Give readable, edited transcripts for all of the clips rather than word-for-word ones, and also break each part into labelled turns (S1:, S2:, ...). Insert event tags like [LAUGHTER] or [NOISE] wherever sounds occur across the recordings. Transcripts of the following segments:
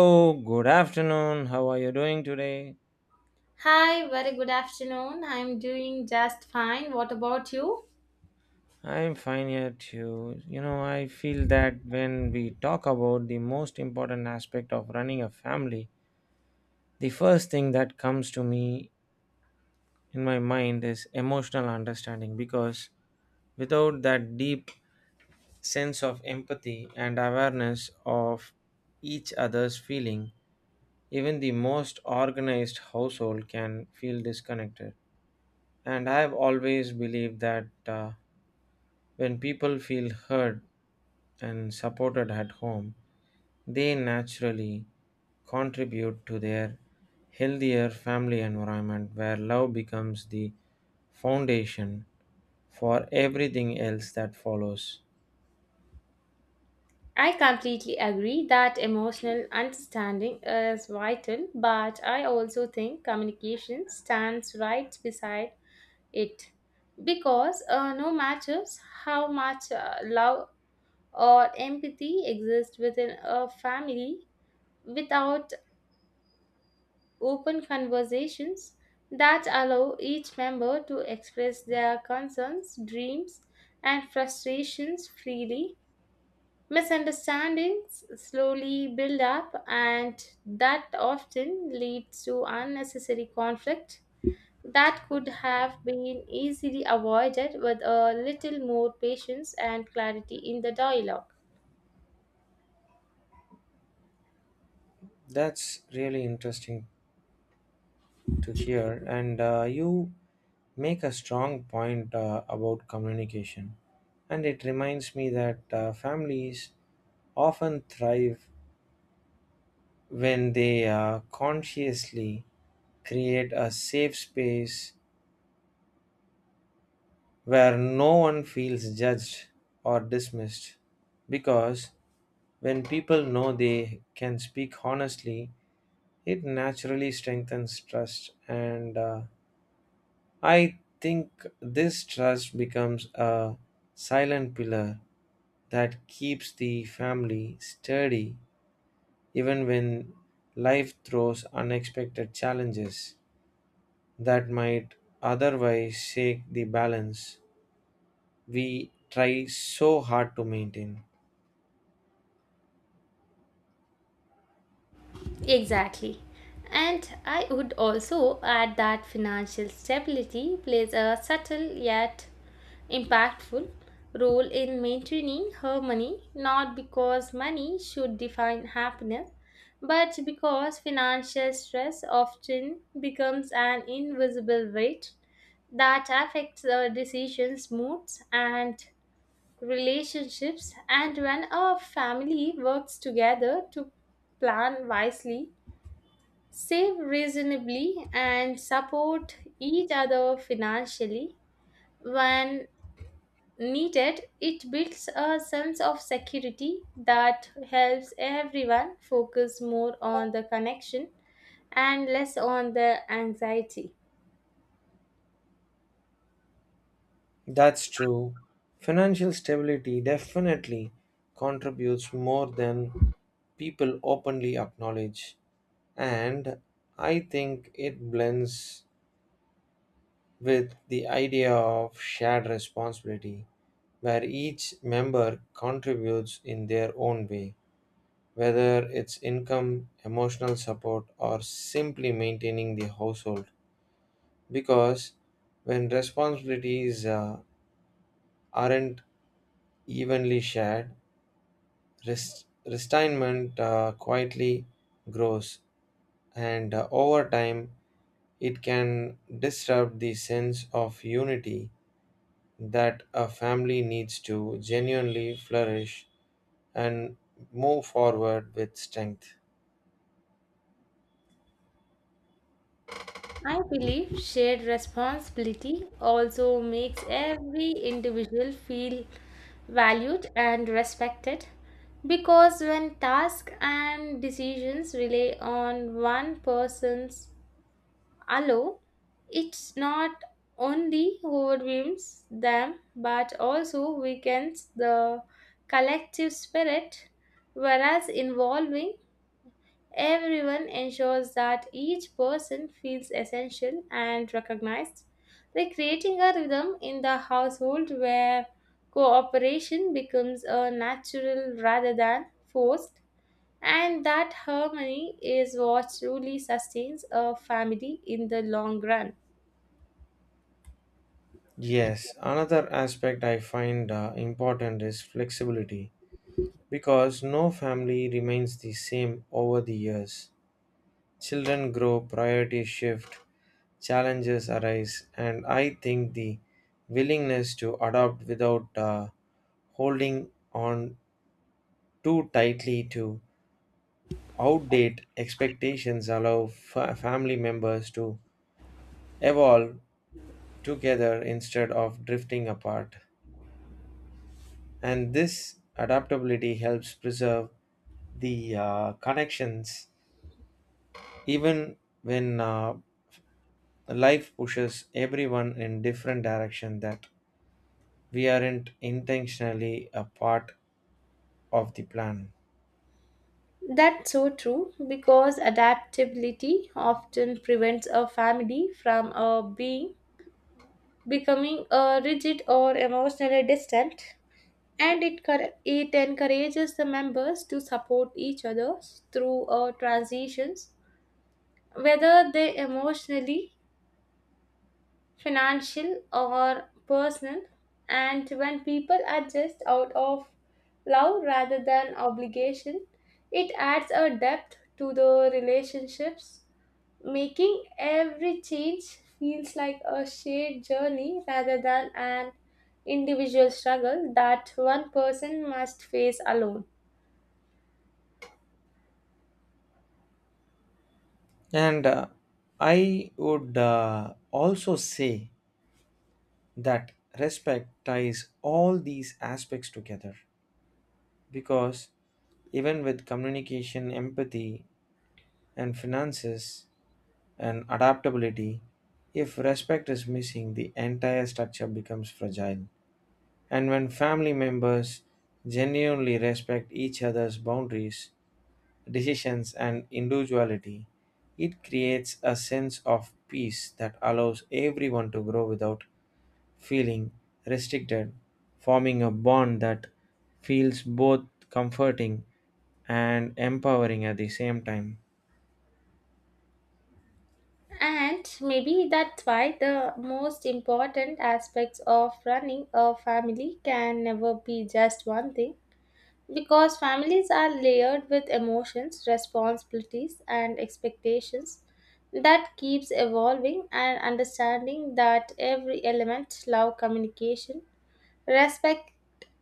S1: Oh, good afternoon. How are you doing today?
S2: Hi, very good afternoon. I'm doing just fine. What about you?
S1: I'm fine here too. You know, I feel that when we talk about the most important aspect of running a family, the first thing that comes to me in my mind is emotional understanding because without that deep sense of empathy and awareness of each other's feeling, even the most organized household can feel disconnected. And I've always believed that. When people feel heard and supported at home, they naturally contribute to their healthier family environment where love becomes the foundation for everything else that follows.
S2: I completely agree that emotional understanding is vital, but I also think communication stands right beside it. Because no matter how much love or empathy exists within a family, without open conversations that allow each member to express their concerns, dreams, and frustrations freely. Misunderstandings slowly build up, and that often leads to unnecessary conflict that could have been easily avoided with a little more patience and clarity in the dialogue.
S1: That's really interesting to hear, and you make a strong point about communication. And it reminds me that families often thrive when they consciously create a safe space where no one feels judged or dismissed. Because when people know they can speak honestly, it naturally strengthens trust. And I think this trust becomes a silent pillar that keeps the family sturdy even when life throws unexpected challenges that might otherwise shake the balance we try so hard to maintain.
S2: Exactly. And I would also add that financial stability plays a subtle yet impactful role in maintaining harmony, not because money should define happiness, but because financial stress often becomes an invisible weight that affects our decisions, moods, and relationships. And when a family works together to plan wisely, save reasonably and support each other financially when needed it builds a sense of security that helps everyone focus more on the connection and less on the anxiety.
S1: That's true. Financial stability definitely contributes more than people openly acknowledge. And I think it blends with the idea of shared responsibility, where each member contributes in their own way, whether it's income, emotional support, or simply maintaining the household. Because when responsibilities aren't evenly shared, retirement quietly grows, and over time, it can disrupt the sense of unity that a family needs to genuinely flourish and move forward with strength.
S2: I believe shared responsibility also makes every individual feel valued and respected because when tasks and decisions rely on one person's alone, it's not only overwhelms them but also weakens the collective spirit, whereas involving everyone ensures that each person feels essential and recognized, like creating a rhythm in the household where cooperation becomes a natural rather than forced, and that harmony is what truly sustains a family in the long run.
S1: Yes, another aspect I find important is flexibility because no family remains the same over the years. Children grow, priorities shift, challenges arise, and I think the willingness to adopt without holding on too tightly to outdate expectations allow family members to evolve together instead of drifting apart. And this adaptability helps preserve the connections even when life pushes everyone in different direction that we aren't intentionally a part of the plan.
S2: That's so true because adaptability often prevents a family from a being becoming a rigid or emotionally distant and it encourages the members to support each other through transitions whether they emotionally financial or personal and when people adjust out of love rather than obligation it adds a depth to the relationships making every change feels like a shared journey rather than an individual struggle that one person must face alone.
S1: And I would also say that respect ties all these aspects together because even with communication, empathy, and finances and adaptability, if respect is missing, the entire structure becomes fragile. And when family members genuinely respect each other's boundaries, decisions, and individuality, it creates a sense of peace that allows everyone to grow without feeling restricted, forming a bond that feels both comforting and empowering at the same time.
S2: And maybe that's why the most important aspects of running a family can never be just one thing. Because families are layered with emotions, responsibilities, and expectations that keeps evolving and understanding that every element love communication respect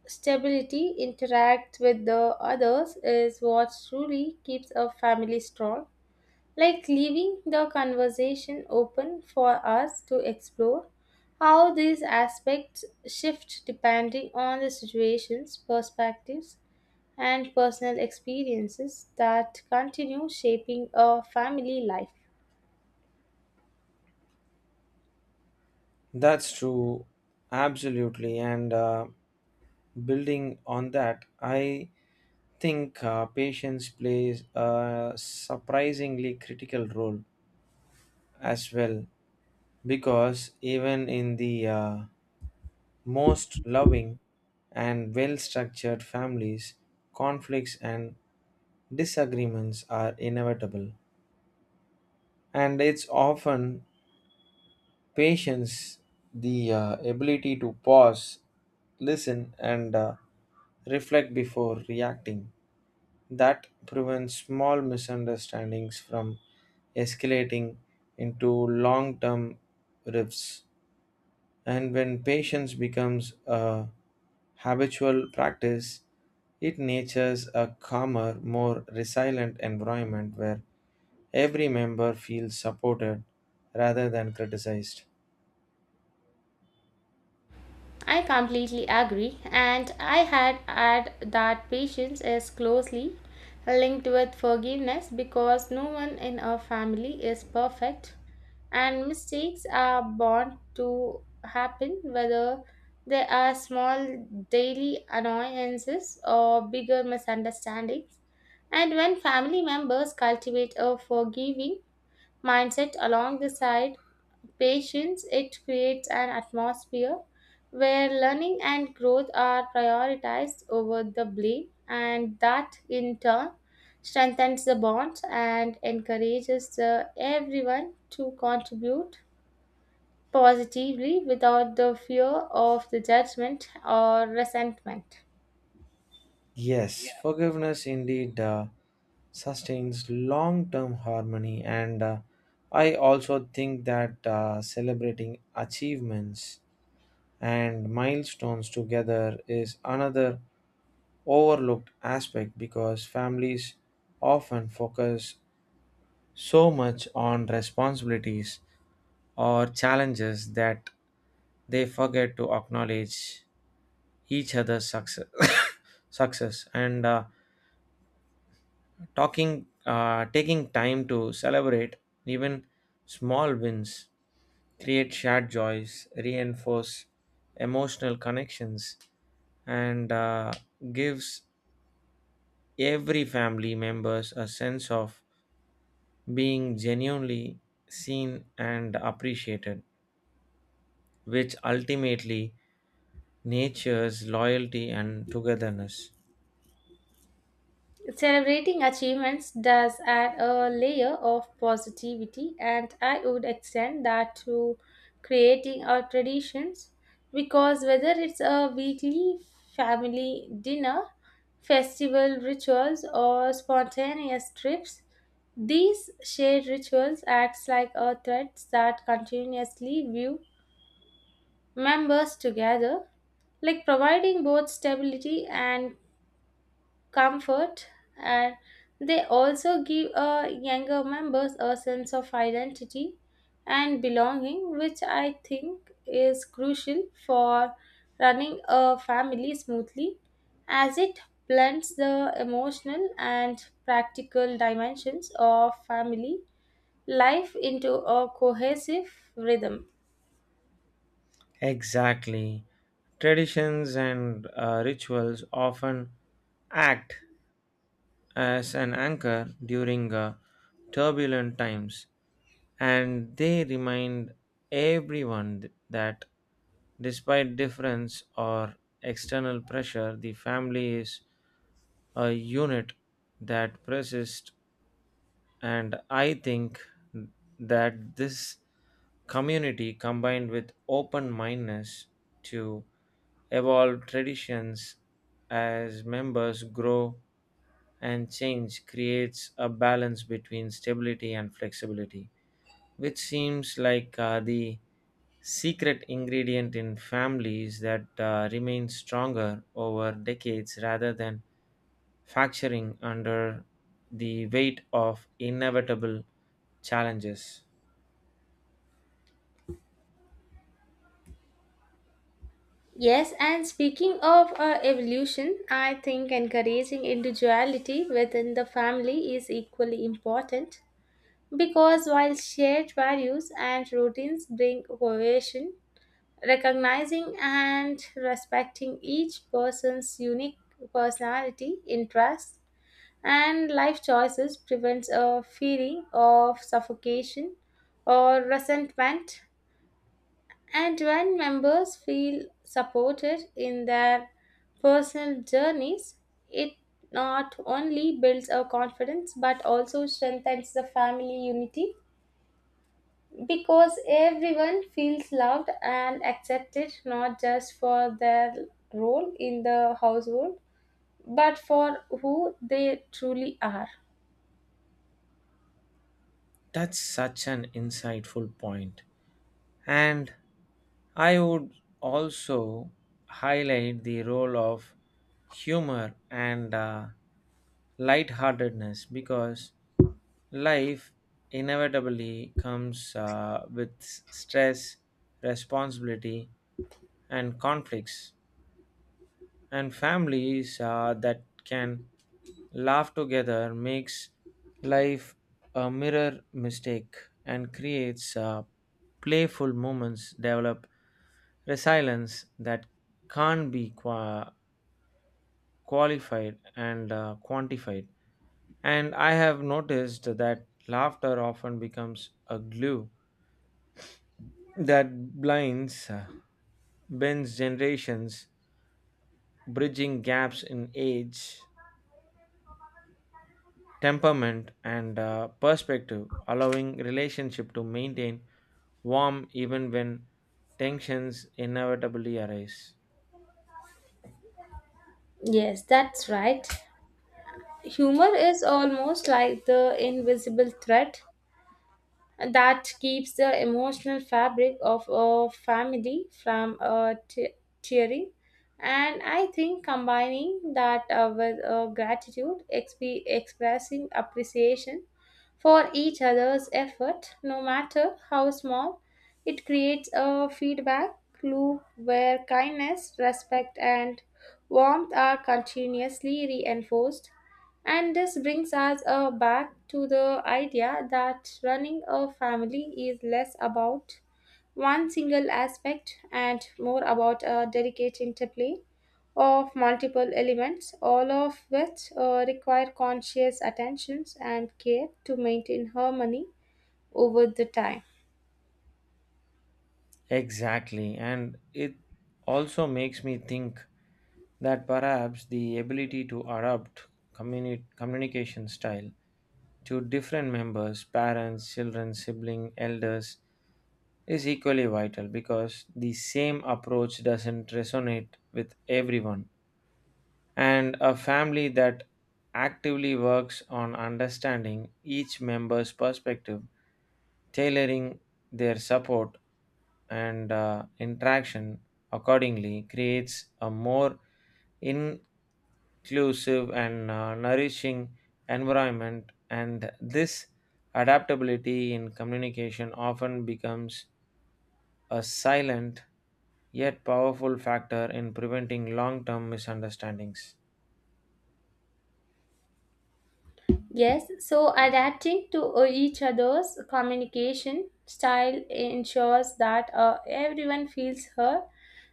S2: stability interact with the others is what truly keeps a family strong like leaving the conversation open for us to explore how these aspects shift depending on the situations, perspectives, and personal experiences that continue shaping a family life.
S1: That's true, absolutely. And building on that, I think patience plays a surprisingly critical role as well because even in the most loving and well structured families, conflicts and disagreements are inevitable. And it's often patience, the ability to pause, listen, and reflect before reacting that prevents small misunderstandings from escalating into long term rifts. And when patience becomes a habitual practice, it natures a calmer, more resilient environment where every member feels supported rather than criticized.
S2: I completely agree, and I had add that patience is closely linked with forgiveness because no one in our family is perfect, and mistakes are bound to happen whether they are small daily annoyances or bigger misunderstandings. And when family members cultivate a forgiving mindset along the side patience, it creates an atmosphere where learning and growth are prioritized over the blame, and that in turn strengthens the bonds and encourages the everyone to contribute positively without the fear of the judgment or resentment.
S1: Yes, forgiveness indeed sustains long term harmony, and I also think that celebrating achievements and milestones together is another overlooked aspect because families often focus so much on responsibilities or challenges that they forget to acknowledge each other's success [COUGHS] success and talking taking time to celebrate even small wins create shared joys reinforce emotional connections and gives every family members a sense of being genuinely seen and appreciated, which ultimately natures loyalty and togetherness.
S2: Celebrating achievements does add a layer of positivity, and I would extend that to creating our traditions because whether it's a weekly family dinner, festival rituals, or spontaneous trips, these shared rituals acts like a thread that continuously view members together, like providing both stability and comfort and they also give younger members a sense of identity and belonging which I think is crucial for running a family smoothly as it blends the emotional and practical dimensions of family life into a cohesive rhythm.
S1: Exactly. Traditions and rituals often act as an anchor during turbulent times, and they remind everyone that despite difference or external pressure, the family is a unit that persists. And I think that this community combined with open mindedness to evolve traditions as members grow and change creates a balance between stability and flexibility, which seems like the secret ingredient in families that remain stronger over decades rather than fracturing under the weight of inevitable challenges.
S2: Yes, and speaking of evolution, I think encouraging individuality within the family is equally important because while shared values and routines bring cohesion, recognizing and respecting each person's unique personality, interests, and life choices prevents a feeling of suffocation or resentment and when members feel supported in their personal journeys, it not only builds our confidence but also strengthens the family unity because everyone feels loved and accepted not just for their role in the household but for who they truly are.
S1: That's such an insightful point. And I would also highlight the role of humor and lightheartedness because life inevitably comes with stress, responsibility, and conflicts. And families that can laugh together makes life a mirror mistake and creates playful moments develop resilience that can't be qualified and quantified. And I have noticed that laughter often becomes a glue that blinds bends generations, bridging gaps in age, temperament, and perspective, allowing relationship to maintain warm even when tensions inevitably arise.
S2: Yes, that's right. Humor is almost like the invisible thread and that keeps the emotional fabric of a family from tearing. And I think combining that with gratitude, expressing appreciation for each other's effort, no matter how small, it creates a feedback loop where kindness, respect, and warmth are continuously reinforced and this brings us back to the idea that running a family is less about one single aspect and more about a delicate interplay of multiple elements, all of which require conscious attentions and care to maintain harmony over the time.
S1: Exactly, and it also makes me think that perhaps the ability to adapt communication style to different members, parents, children, sibling, elders is equally vital because the same approach doesn't resonate with everyone. And a family that actively works on understanding each member's perspective, tailoring their support and interaction accordingly, creates a more inclusive and nourishing environment. And this adaptability in communication often becomes a silent yet powerful factor in preventing long term misunderstandings.
S2: Yes, so adapting to each other's communication style ensures that everyone feels heard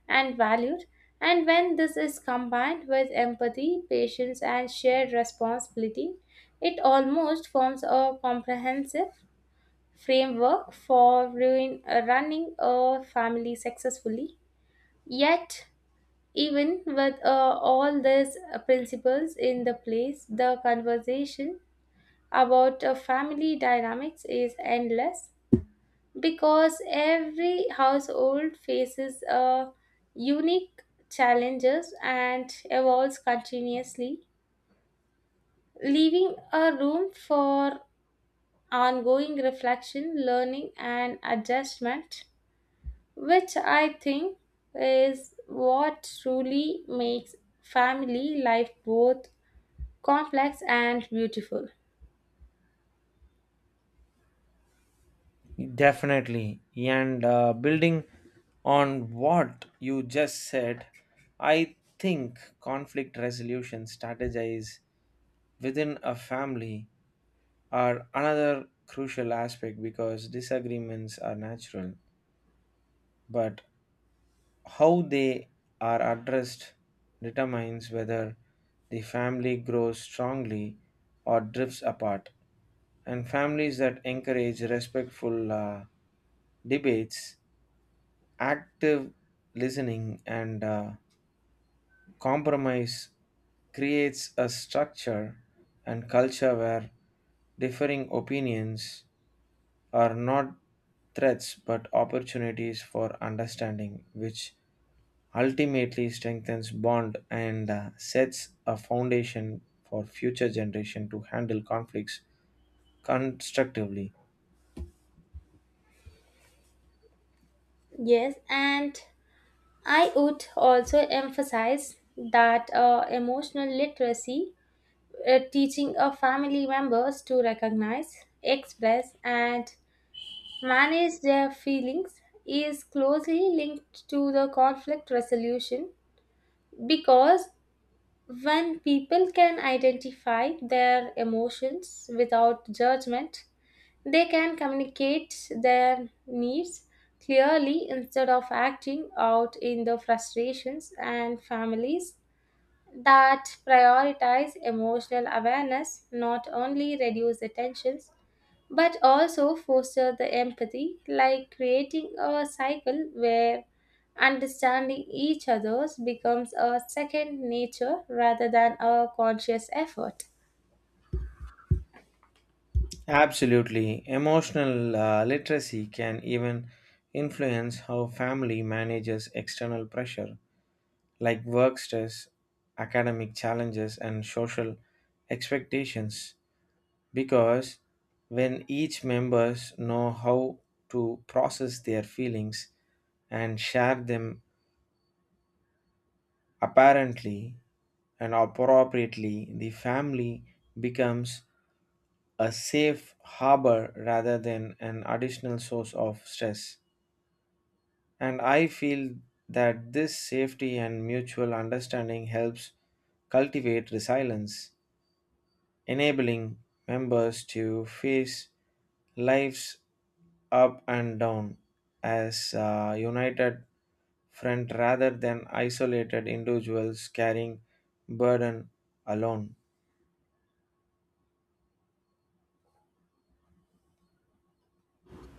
S2: and valued. And when this is combined with empathy, patience, and shared responsibility, it almost forms a comprehensive framework for running a family successfully. Yet, even with all these principles in the place, the conversation about family dynamics is endless because every household faces unique challenges and evolves continuously, leaving a room for ongoing reflection, learning, and adjustment, which I think is what truly makes family life both complex and beautiful.
S1: Definitely. And building on what you just said, I think conflict resolution strategies within a family are another crucial aspect because disagreements are natural, but how they are addressed determines whether the family grows strongly or drifts apart. And families that encourage respectful debates, active listening, and compromise creates a structure and culture where differing opinions are not threats but opportunities for understanding, which ultimately strengthens bond and sets a foundation for future generation to handle conflicts constructively.
S2: Yes, and I would also emphasize that emotional literacy, teaching our family members to recognize, express, and manage their feelings, is closely linked to the conflict resolution because when people can identify their emotions without judgment, they can communicate their needs clearly instead of acting out in the frustrations and families that prioritize emotional awareness not only reduce the tensions but also foster the empathy like creating a cycle where understanding each other's becomes a second nature rather than a conscious effort.
S1: Absolutely. Emotional literacy can even influence how family manages external pressure like work stress, academic challenges, and social expectations. Because when each members know how to process their feelings and share them apparently and appropriately, the family becomes a safe harbor rather than an additional source of stress. And I feel that this safety and mutual understanding helps cultivate resilience, enabling members to face life's up and down as a united front rather than isolated individuals carrying burden alone.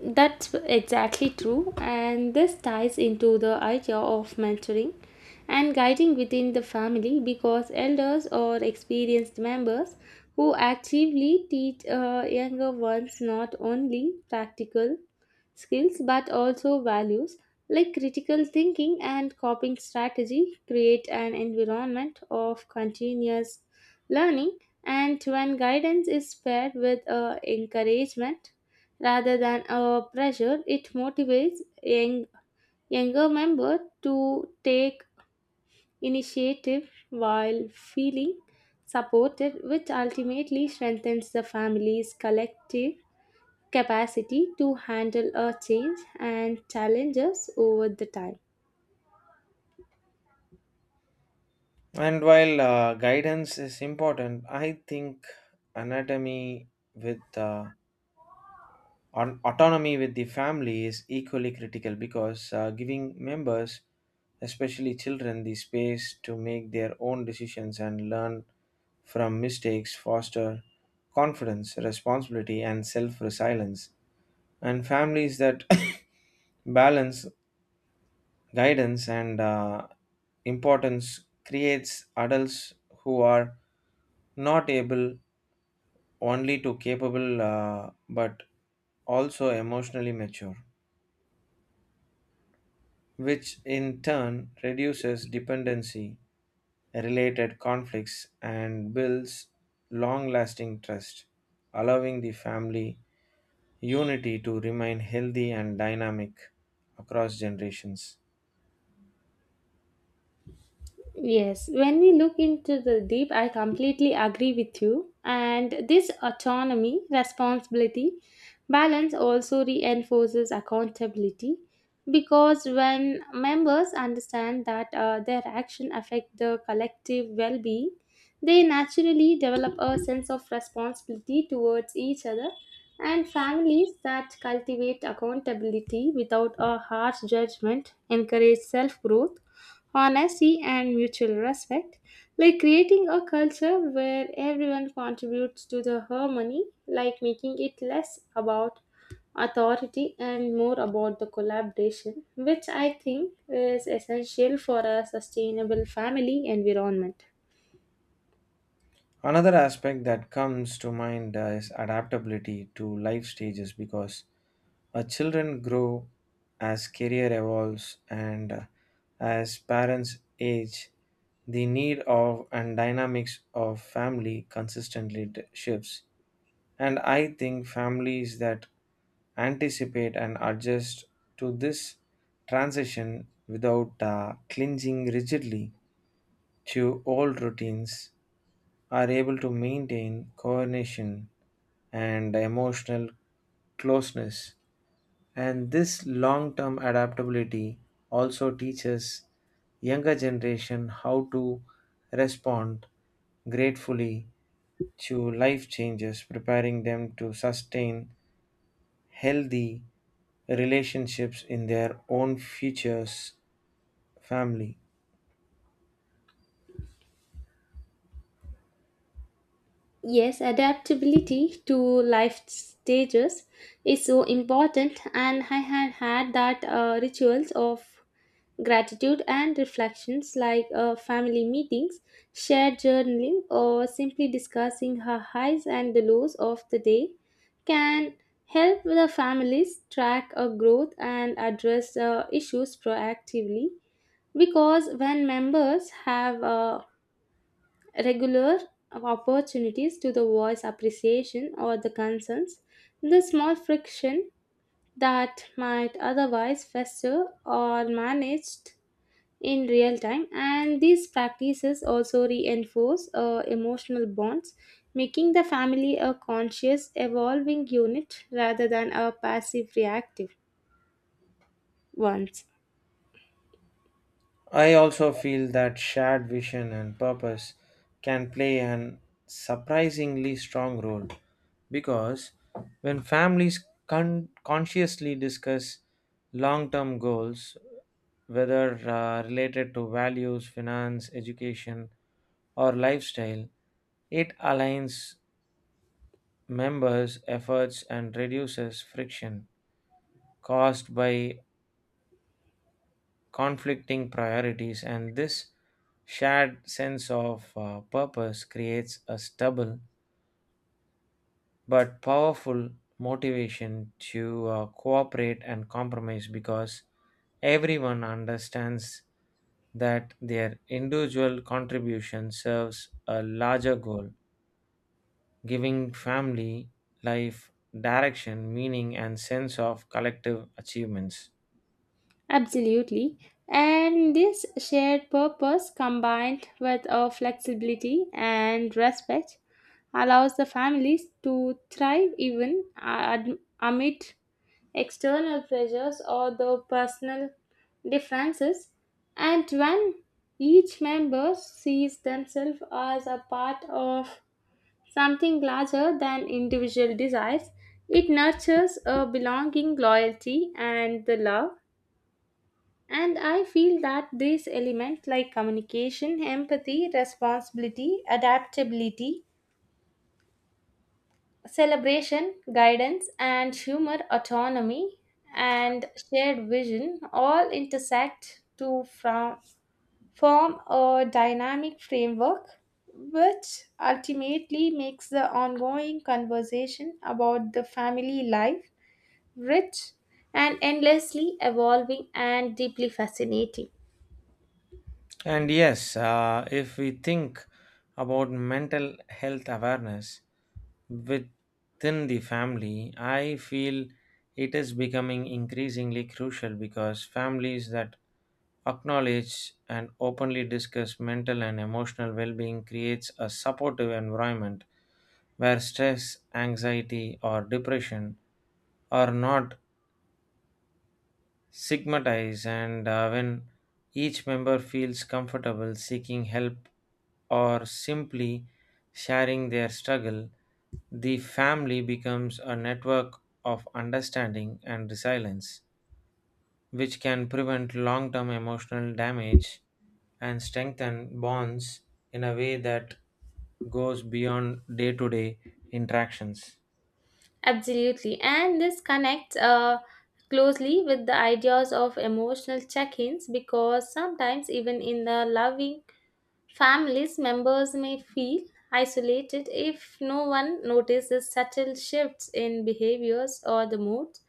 S2: That's exactly true, and this ties into the idea of mentoring and guiding within the family because elders or experienced members who actively teach younger ones not only practical skills but also values like critical thinking and coping strategy create an environment of continuous learning and when guidance is paired with encouragement rather than a pressure, it motivates younger members to take initiative while feeling supported, which ultimately strengthens the family's collective capacity to handle a change and challenges over the time.
S1: And while guidance is important, I think anatomy with On autonomy with the family is equally critical because giving members, especially children, the space to make their own decisions and learn from mistakes foster confidence, responsibility, and self resilience. And families that [COUGHS] balance guidance and importance creates adults who are not able only to capable but also emotionally mature, which in turn reduces dependency, related conflicts, and builds long lasting trust, allowing the family unity to remain healthy and dynamic across generations.
S2: Yes, when we look into the deep, I completely agree with you. And this autonomy, responsibility, balance also reinforces accountability because when members understand that their action affect the collective well-being, they naturally develop a sense of responsibility towards each other. And families that cultivate accountability without a harsh judgment encourage self-growth honesty, and mutual respect, like creating a culture where everyone contributes to the harmony, like making it less about authority and more about the collaboration, which I think is essential for a sustainable family environment.
S1: Another aspect that comes to mind is adaptability to life stages because children grow as career evolves and as parents age the need of and dynamics of family consistently shifts. And I think families that anticipate and adjust to this transition without clinging rigidly to old routines are able to maintain coordination and emotional closeness. And this long term adaptability also teaches younger generation how to respond gratefully to life changes, preparing them to sustain healthy relationships in their own futures family.
S2: Yes, adaptability to life stages is so important, and I had that rituals of gratitude and reflections like family meetings, shared journaling, or simply discussing her highs and the lows of the day can help the families track a growth and address issues proactively. Because when members have regular opportunities to the voice appreciation or the concerns, the small friction that might otherwise fester are managed in real time and these practices also reinforce emotional bonds making the family a conscious evolving unit rather than a passive reactive ones.
S1: I also feel that shared vision and purpose can play an surprisingly strong role because when families consciously discuss long term goals, whether related to values, finance, education, or lifestyle, it aligns members' efforts and reduces friction caused by conflicting priorities, and this shared sense of purpose creates a stubble but powerful motivation to cooperate and compromise because everyone understands that their individual contribution serves a larger goal, giving family life direction, meaning, and sense of collective achievements.
S2: Absolutely. And this shared purpose combined with a flexibility and respect allows the families to thrive even amid external pressures or the personal differences and when each member sees themselves as a part of something larger than individual desires it nurtures a belonging loyalty and the love and I feel that these elements like communication empathy responsibility adaptability celebration, guidance, and humor, autonomy, and shared vision all intersect form a dynamic framework, which ultimately makes the ongoing conversation about the family life rich and endlessly evolving and deeply fascinating.
S1: And yes, if we think about mental health awareness within the family, I feel it is becoming increasingly crucial because families that acknowledge and openly discuss mental and emotional well-being creates a supportive environment where stress, anxiety, or depression are not stigmatize, and when each member feels comfortable seeking help or simply sharing their struggle, the family becomes a network of understanding and resilience, which can prevent long-term emotional damage and strengthen bonds in a way that goes beyond day-to-day interactions.
S2: Absolutely. And this connects closely with the ideas of emotional check ins because sometimes, even in the loving families, members may feel isolated if no one notices subtle shifts in behaviors or the moods.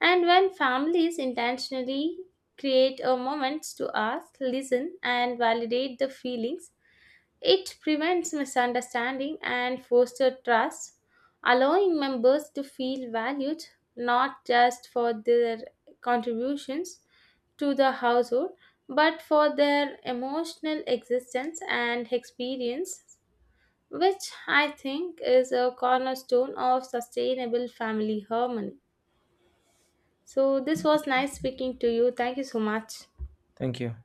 S2: And when families intentionally create a moment to ask, listen, and validate the feelings it prevents misunderstanding and fosters trust, allowing members to feel valued not just for their contributions to the household but for their emotional existence and experience, which I think is a cornerstone of sustainable family harmony. So, this was nice speaking to you. Thank you so much.
S1: Thank you.